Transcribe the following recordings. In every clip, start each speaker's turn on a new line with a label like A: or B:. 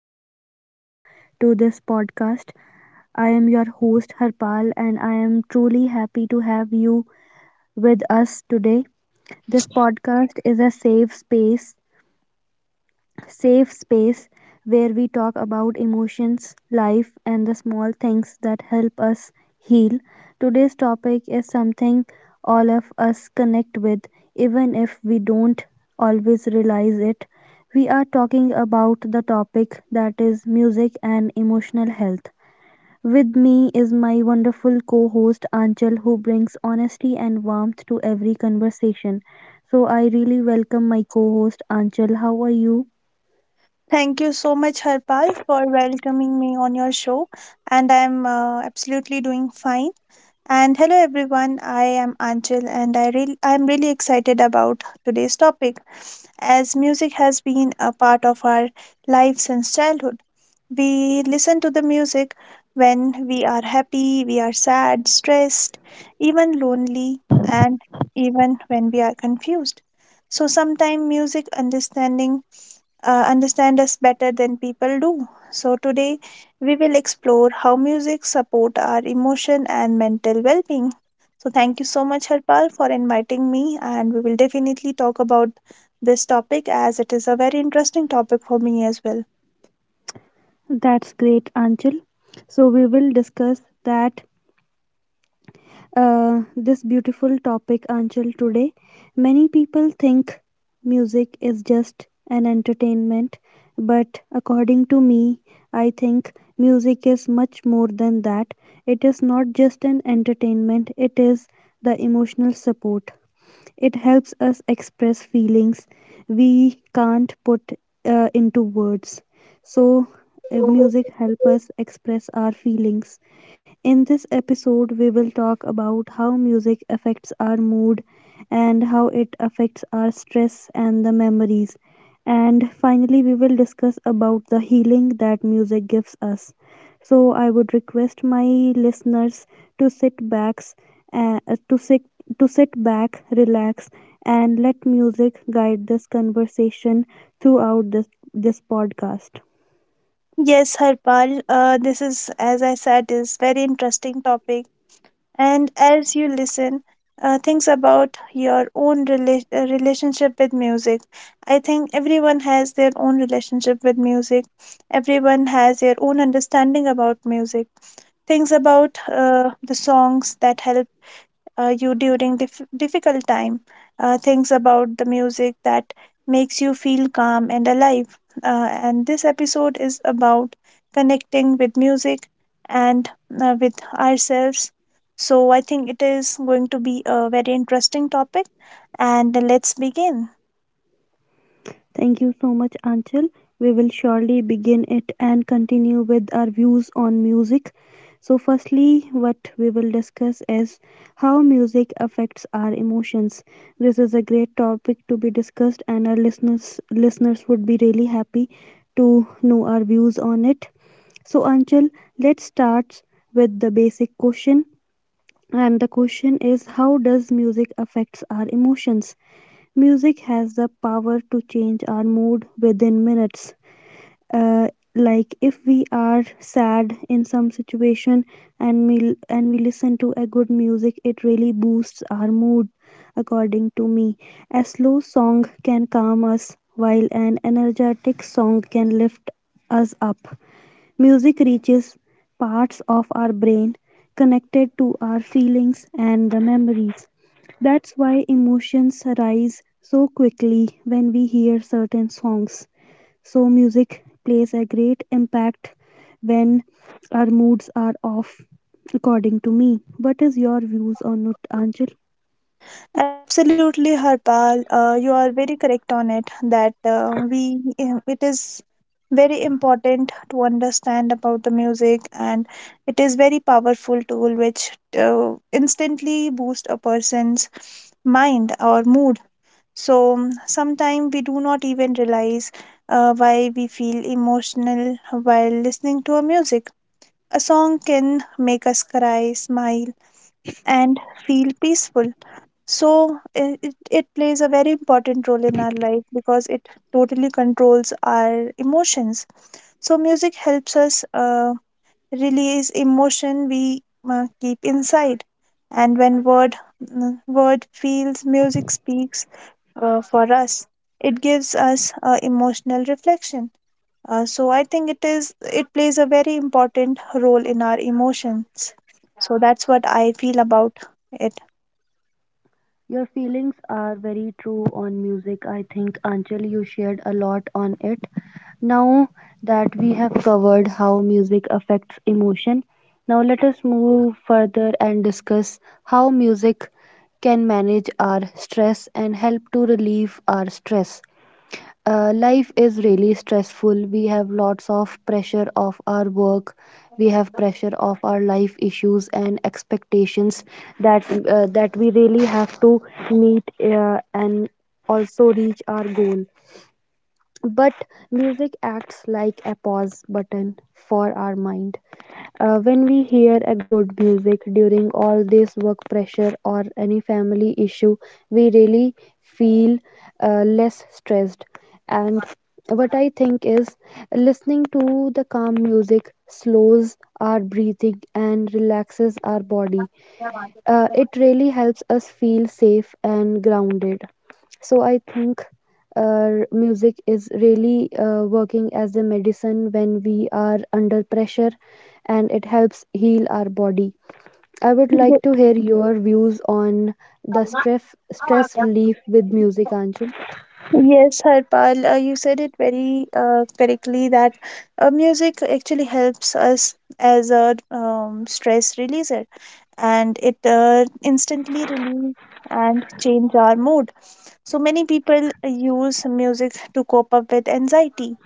A: warm welcome to this podcast. I am your host, Harpal, and I am truly happy to have you with us today. This podcast is a safe space where we talk about emotions, life, and the small things that help us heal. Today's topic is something all of us connect with, even if we don't always realize it. We are talking about the topic that is music and emotional health. With me is my wonderful co host Anchal, who brings honesty and warmth to every conversation. So, I really welcome my co host Anchal. How are you?
B: Thank you so much, Harpal, for welcoming me on your show. And I'm absolutely doing fine. And hello, everyone. I am Anchal, and I'm really excited about today's topic. As music has been a part of our life since childhood, we listen to the music when we are happy, we are sad, stressed, even lonely, and even when we are confused. So sometimes music understand us better than people do. So today we will explore how music support our emotion and mental well-being. So thank you so much, Harpal, for inviting me, and we will definitely talk about this topic, as it is a very interesting topic for me as well.
A: That's great, Anchal. So we will discuss that this beautiful topic, Anchal, today. Many people think music is just an entertainment, but according to me, I think music is much more than that. It is not just an entertainment; it is the emotional support. It helps us express feelings we can't put into words. So, music helps us express our feelings. In this episode, we will talk about how music affects our mood and how it affects our stress and the memories. And finally, we will discuss about the healing that music gives us. So, I would request my listeners to sit back, uh, to sit, to sit back, relax, and let music guide this conversation throughout this podcast.
B: Yes, Harpal, this, is as I said, is very interesting topic. And as you listen, think about your own relationship with music. I think everyone has their own relationship with music, everyone has their own understanding about music. Things about the songs that help you during difficult time. Things about the music that makes you feel calm and alive. And this episode is about connecting with music and with ourselves. So I think it is going to be a very interesting topic. And let's begin.
A: Thank you so much, Anchal. We will surely begin it and continue with our views on music. So, firstly, what we will discuss is how music affects our emotions. This is a great topic to be discussed, and our listeners would be really happy to know our views on it. So, Anchal, let's start with the basic question, and the question is how does music affects our emotions? Music has the power to change our mood within minutes. Uh, like if we are sad in some situation and we listen to a good music, it really boosts our mood, according to me. A slow song can calm us, while an energetic song can lift us up. Music reaches parts of our brain connected to our feelings and the memories. That's why emotions rise so quickly when we hear certain songs. So, music plays a great impact when our moods are off, according to me. What is your views on it, Anjal?
B: Absolutely, Harpal. You are very correct on it that it is very important to understand about the music, and it is very powerful tool which instantly boost a person's mind or mood. So sometimes we do not even realize why we feel emotional while listening to a music. A song can make us cry, smile, and feel peaceful, so it plays a very important role in our life because it totally controls our emotions. So music helps us release emotion we keep inside. And when word feels, music speaks for us. It gives us emotional reflection. So I think it plays a very important role in our emotions. So that's what I feel about it.
A: Your feelings are very true on music. I think Anjali, you shared a lot on it. Now that we have covered how music affects emotion, now let us move further and discuss how music can manage our stress and help to relieve our stress. Life is really stressful. We have lots of pressure of our work. We have pressure of our life issues and expectations that we really have to meet and also reach our goal, but music acts like a pause button for our mind. When we hear a good music during all this work pressure or any family issue, we really feel less stressed. And what I think is listening to the calm music slows our breathing and relaxes our body. It really helps us feel safe and grounded. So I think music is really working as a medicine when we are under pressure, and it helps heal our body. I would like to hear your views on the stress relief with music, Anchal.
B: Yes, Harpal, you said it very correctly that music actually helps us as a stress releaser, and it instantly relieve and change our mood. So many people use music to cope up with anxiety,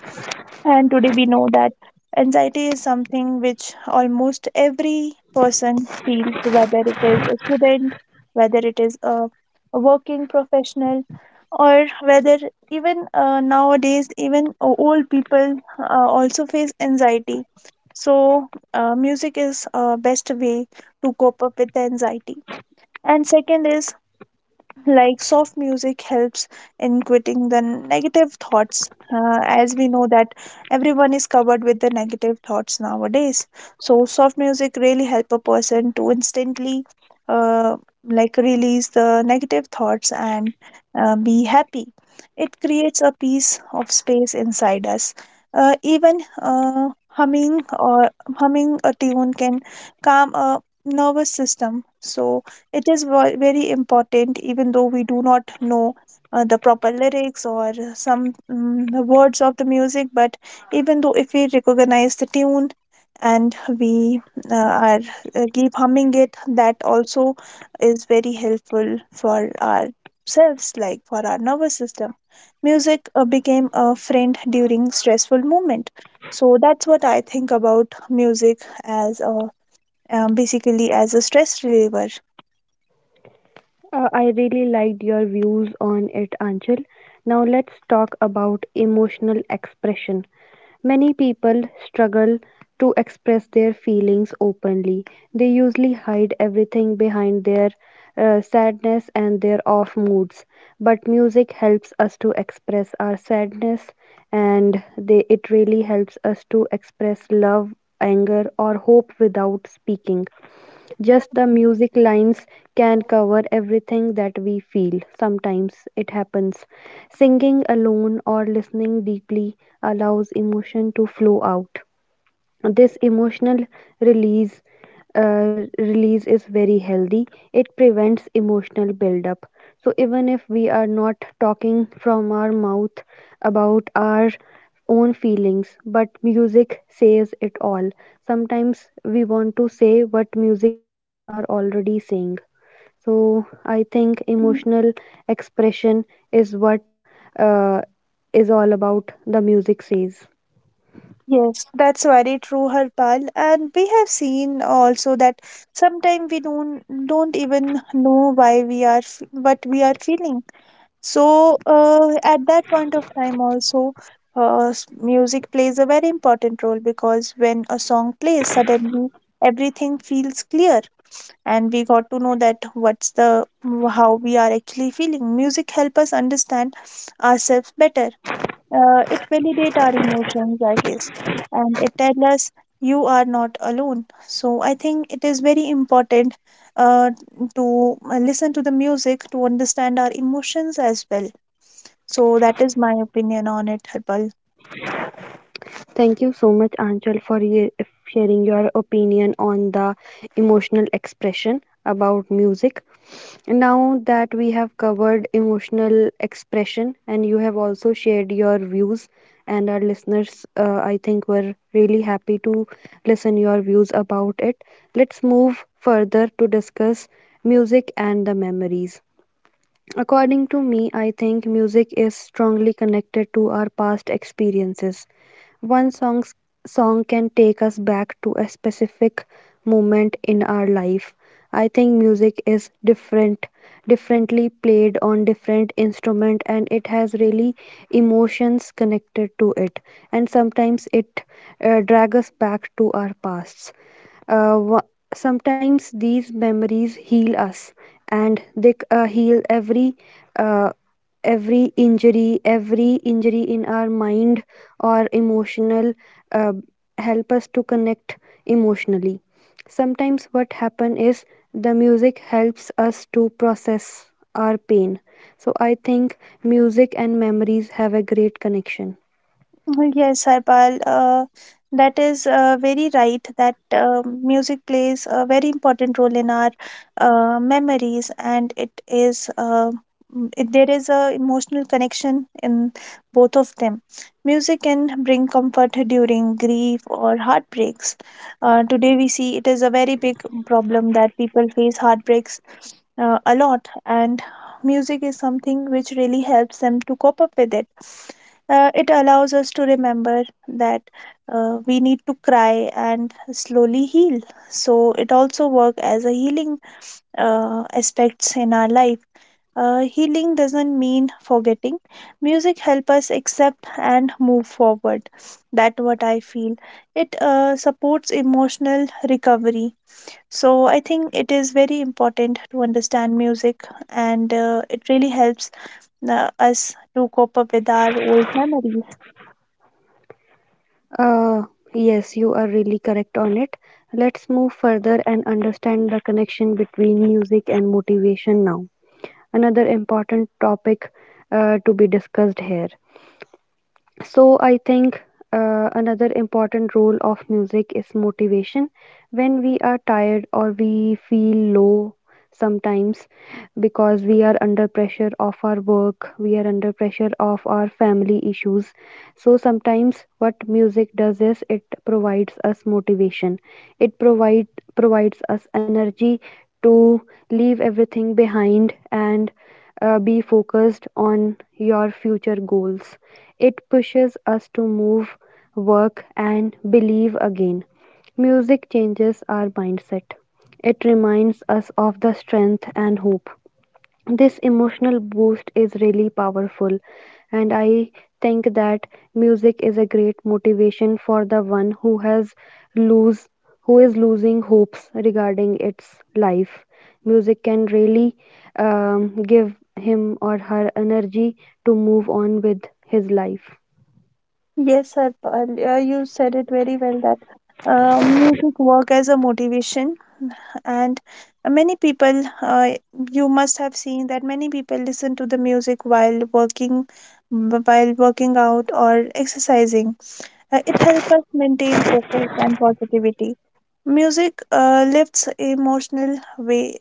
B: and today we know that anxiety is something which almost every person feels, whether it is a student, whether it is a working professional, or whether even nowadays, even old people also face anxiety. So, music is a best way to cope up with the anxiety. And second is, like, soft music helps in quitting the negative thoughts, as we know that everyone is covered with the negative thoughts nowadays, so soft music really help a person to instantly uh, like release the negative thoughts and be happy. It creates a piece of space inside us. Even humming or humming a tune can calm a nervous system. So it is very important, even though we do not know the proper lyrics or some the words of the music, but even though if we recognize the tune and we are keep humming it, that also is very helpful for ourselves, like for our nervous system. Music became a friend during stressful moment. So that's what I think about music as a basically as a stress reliever.
A: I really liked your views on it, Anchal. Now let's talk about emotional expression. Many people struggle to express their feelings openly. They usually hide everything behind their sadness and their off moods. But music helps us to express our sadness, and it really helps us to express love, anger, or hope without speaking. Just the music lines can cover everything that we feel. Sometimes it happens. Singing alone or listening deeply allows emotion to flow out. This emotional release release is very healthy. It prevents emotional buildup. So even if we are not talking from our mouth about our own feelings, but music says it all. Sometimes we want to say what music lines are already saying. So I think emotional expression is what uh, is all about the music says.
B: Yes, that's very true, Harpal. And we have seen also that sometimes we don't even know why we are what we are feeling. So at that point of time, also, music plays a very important role because when a song plays, suddenly everything feels clear, and we got to know that what's the how we are actually feeling. Music help us understand ourselves better. It validates our emotions, I guess, and it tells us you are not alone. So I think it is very important uh, to listen to the music to understand our emotions as well. So that is my opinion on it, Harpal.
A: Thank you so much, Anchal, for sharing your opinion on the emotional expression about music. Now that we have covered emotional expression and you have also shared your views, and our listeners, I think, were really happy to listen your views about it. Let's move further to discuss music and the memories. According to me, I think music is strongly connected to our past experiences. One song can take us back to a specific moment in our life. I think music is differently played on different instrument, and it has really emotions connected to it, and sometimes it drag us back to our pasts. Uh, wha- Sometimes these memories heal us, and heal uh, every injury in our mind or emotional, uh, help us to connect emotionally. Sometimes what happen is the music helps us to process our pain. So I think music and memories have a great connection.
B: Well, yes, Harpal, that is very right that music plays a very important role in our memories, and it is there is a emotional connection in both of them. Music can bring comfort during grief or heartbreaks. Today, we see it is a very big problem that people face heartbreaks a lot, and music is something which really helps them to cope up with it. It allows us to remember that we need to cry and slowly heal. So it also work as a healing aspects in our life. Healing doesn't mean forgetting. Music help us accept and move forward, that what I feel. It supports emotional recovery. So I think it is very important to understand music, and it really helps us to cope up with our old memories.
A: Uh, yes, you are really correct on it. Let's move further and understand the connection between music and motivation now. Another important topic to be discussed here. So I think another important role of music is motivation. When we are tired or we feel low sometimes, because we are under pressure of our work, we are under pressure of our family issues. So sometimes what music does is it provides us motivation. It provides us energy to leave everything behind and be focused on your future goals. It pushes us to move, work, and believe again. Music changes our mindset. It reminds us of the strength and hope. This emotional boost is really powerful, and I think that music is a great motivation for the one who has lose who is losing hopes regarding its life. Music can really give him or her energy to move on with his life.
B: Yes, Harpal, you said it very well that music work as a motivation, and many people, you must have seen that many people listen to the music while working out or exercising. It helps us maintain focus and positivity. Music lifts emotional weight,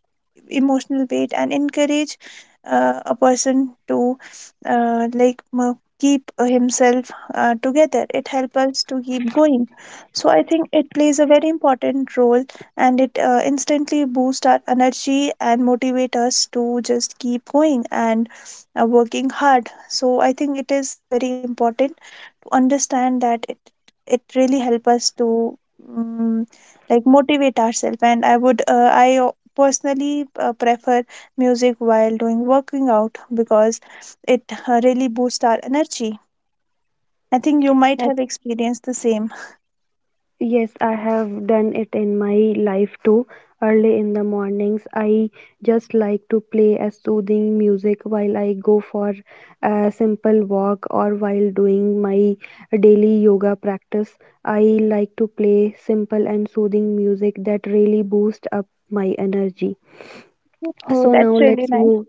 B: emotional weight, and encourage a person to like keep himself together. It helps us to keep going. So I think it plays a very important role, and it instantly boosts our energy and motivate us to just keep going and working hard. So I think it is very important understand that it really help us to um, like motivate ourselves. And I would personally prefer music while doing working out, because it really boosts our energy. I think you might have experienced the same.
A: Yes, I have done it in my life too. Early in the mornings, I just like to play a soothing music while I go for a simple walk or while doing my daily yoga practice. I like to play simple and soothing music that really boosts up my energy.
B: Oh,
A: So now
B: that's really
A: let's
B: nice.
A: move.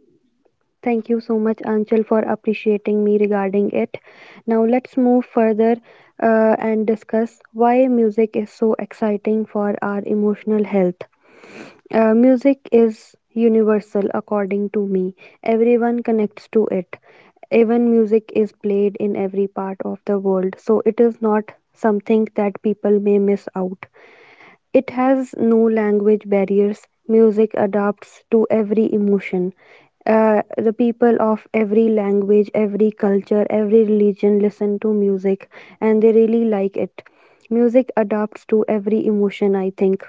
A: Thank you so much, Anchal, for appreciating me regarding it. Now, let's move further and discuss why music is so exciting for our emotional health. Music is universal, according to me. Everyone connects to it. Even music is played in every part of the world, so it is not something that people may miss out. It has no language barriers. Music adapts to every emotion. The people of every language, every culture, every religion listen to music, and they really like it. Music adapts to every emotion, I think.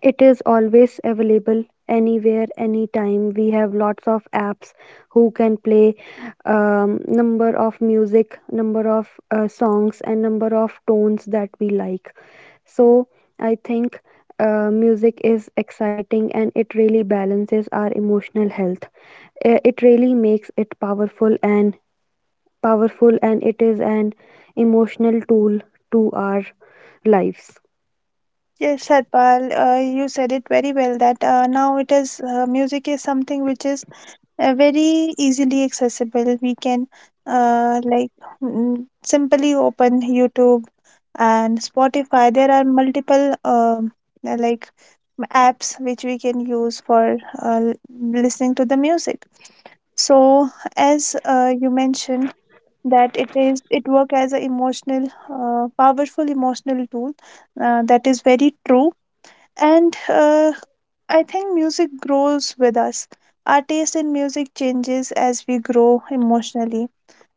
A: It is always available anywhere, anytime. We have lots of apps who can play number of music, number of songs, and number of tones that we like. So I think music is exciting, and it really balances our emotional health. It really makes it powerful, and it is an emotional tool to our lives.
B: Yes, Harpal, you said it very well that now it is music is something which is very easily accessible. We can uh, like mm, simply open YouTube and Spotify. There are multiple, like apps which we can use for listening to the music. So, as you mentioned, that it is it work as an emotional, powerful emotional tool, that is very true. And I think music grows with us. Our taste in music changes as we grow emotionally.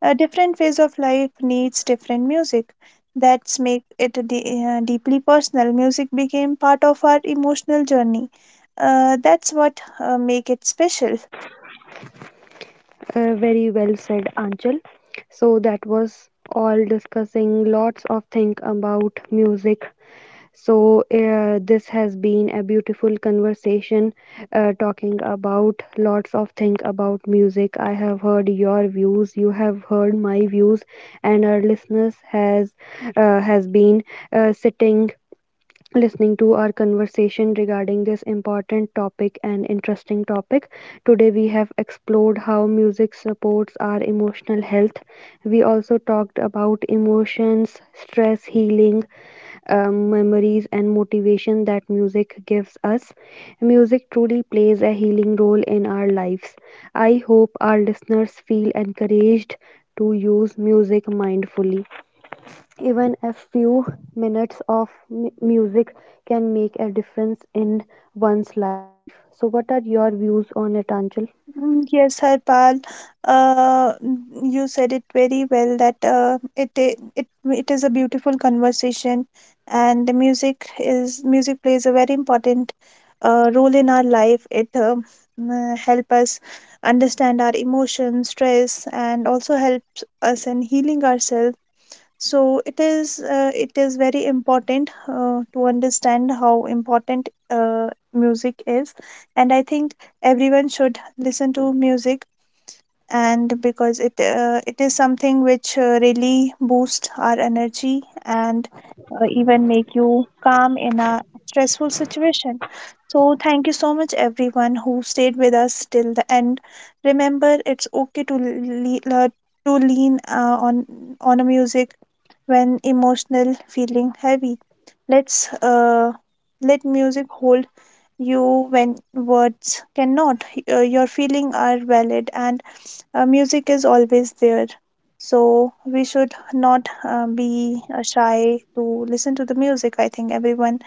B: A different phase of life needs different music. That's make it deeply personal. Music became part of our emotional journey. That's what make it special.
A: Very well said, Anchal. So that was all discussing lots of things about music. So this has been a beautiful conversation talking about lots of things about music. I have heard your views, you have heard my views, and our listeners has been sitting listening to our conversation regarding this important topic and interesting topic. Today, we have explored how music supports our emotional health. We also talked about emotions, stress healing, memories, and motivation that music gives us. Music truly plays a healing role in our lives. I hope our listeners feel encouraged to use music mindfully. Even a few minutes of music can make a difference in one's life. So, what are your views on it, Anchal?
B: Mm, yes, Harpal, you said it very well that it, I- it is a beautiful conversation, and the music plays a very important role in our life. It help us understand our emotions, stress, and also helps us in healing ourselves. So it is very important to understand how important music is. And I think everyone should listen to music, and because it it is something which really boosts our energy and even make you calm in a stressful situation. So thank you so much everyone who stayed with us till the end. Remember, it's okay to to lean on a music when emotional feeling heavy. Let's let music hold you when words cannot. Your feeling are valid, and music is always there. So we should not be shy to listen to the music. I think everyone,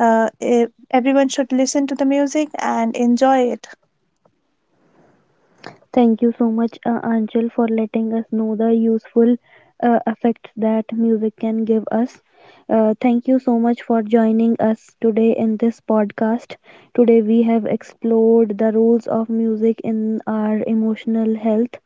B: everyone should listen to the music and enjoy it.
A: Thank you so much, Anjal, for letting us know the useful effects that music can give us. Thank you so much for joining us today in this podcast. Today, we have explored the roles of music in our emotional health.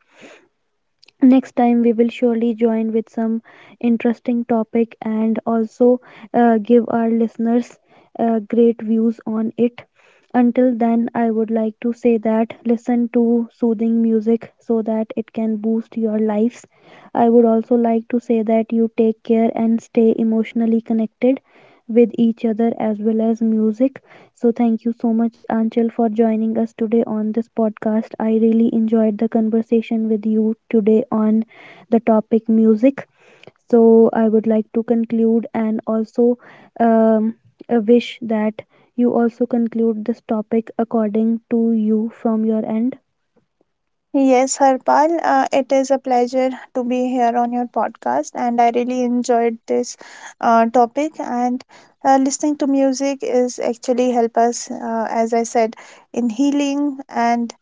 A: Next time, we will surely join with some interesting topic and also give our listeners great views on it. Until then, I would like to say that listen to soothing music so that it can boost your lives. I would also like to say that you take care and stay emotionally connected with each other as well as music. So, thank you so much, Anchal, for joining us today on this podcast. I really enjoyed the conversation with you today on the topic music. So, I would like to conclude and also um, wish that you also conclude this topic according to you from your end.
B: Yes, Harpal, it is a pleasure to be here on your podcast, and I really enjoyed this topic. And listening to music is actually help us, as I said, in healing. And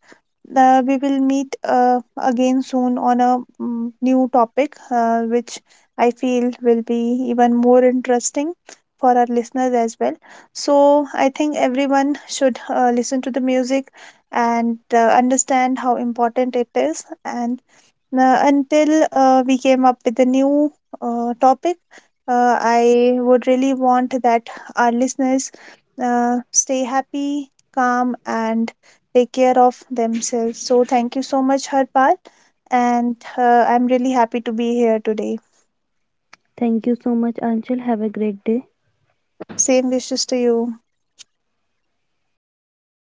B: we will meet again soon on a new topic, which I feel will be even more interesting for our listeners as well. So, I think everyone should listen to the music and understand how important it is. And until we came up with a new topic, I would really want that our listeners stay happy, calm, and take care of themselves. So, thank you so much, Harpal. And I'm really happy to be here today.
A: Thank you so much, Anchal. Have a great day.
B: Same wishes to you.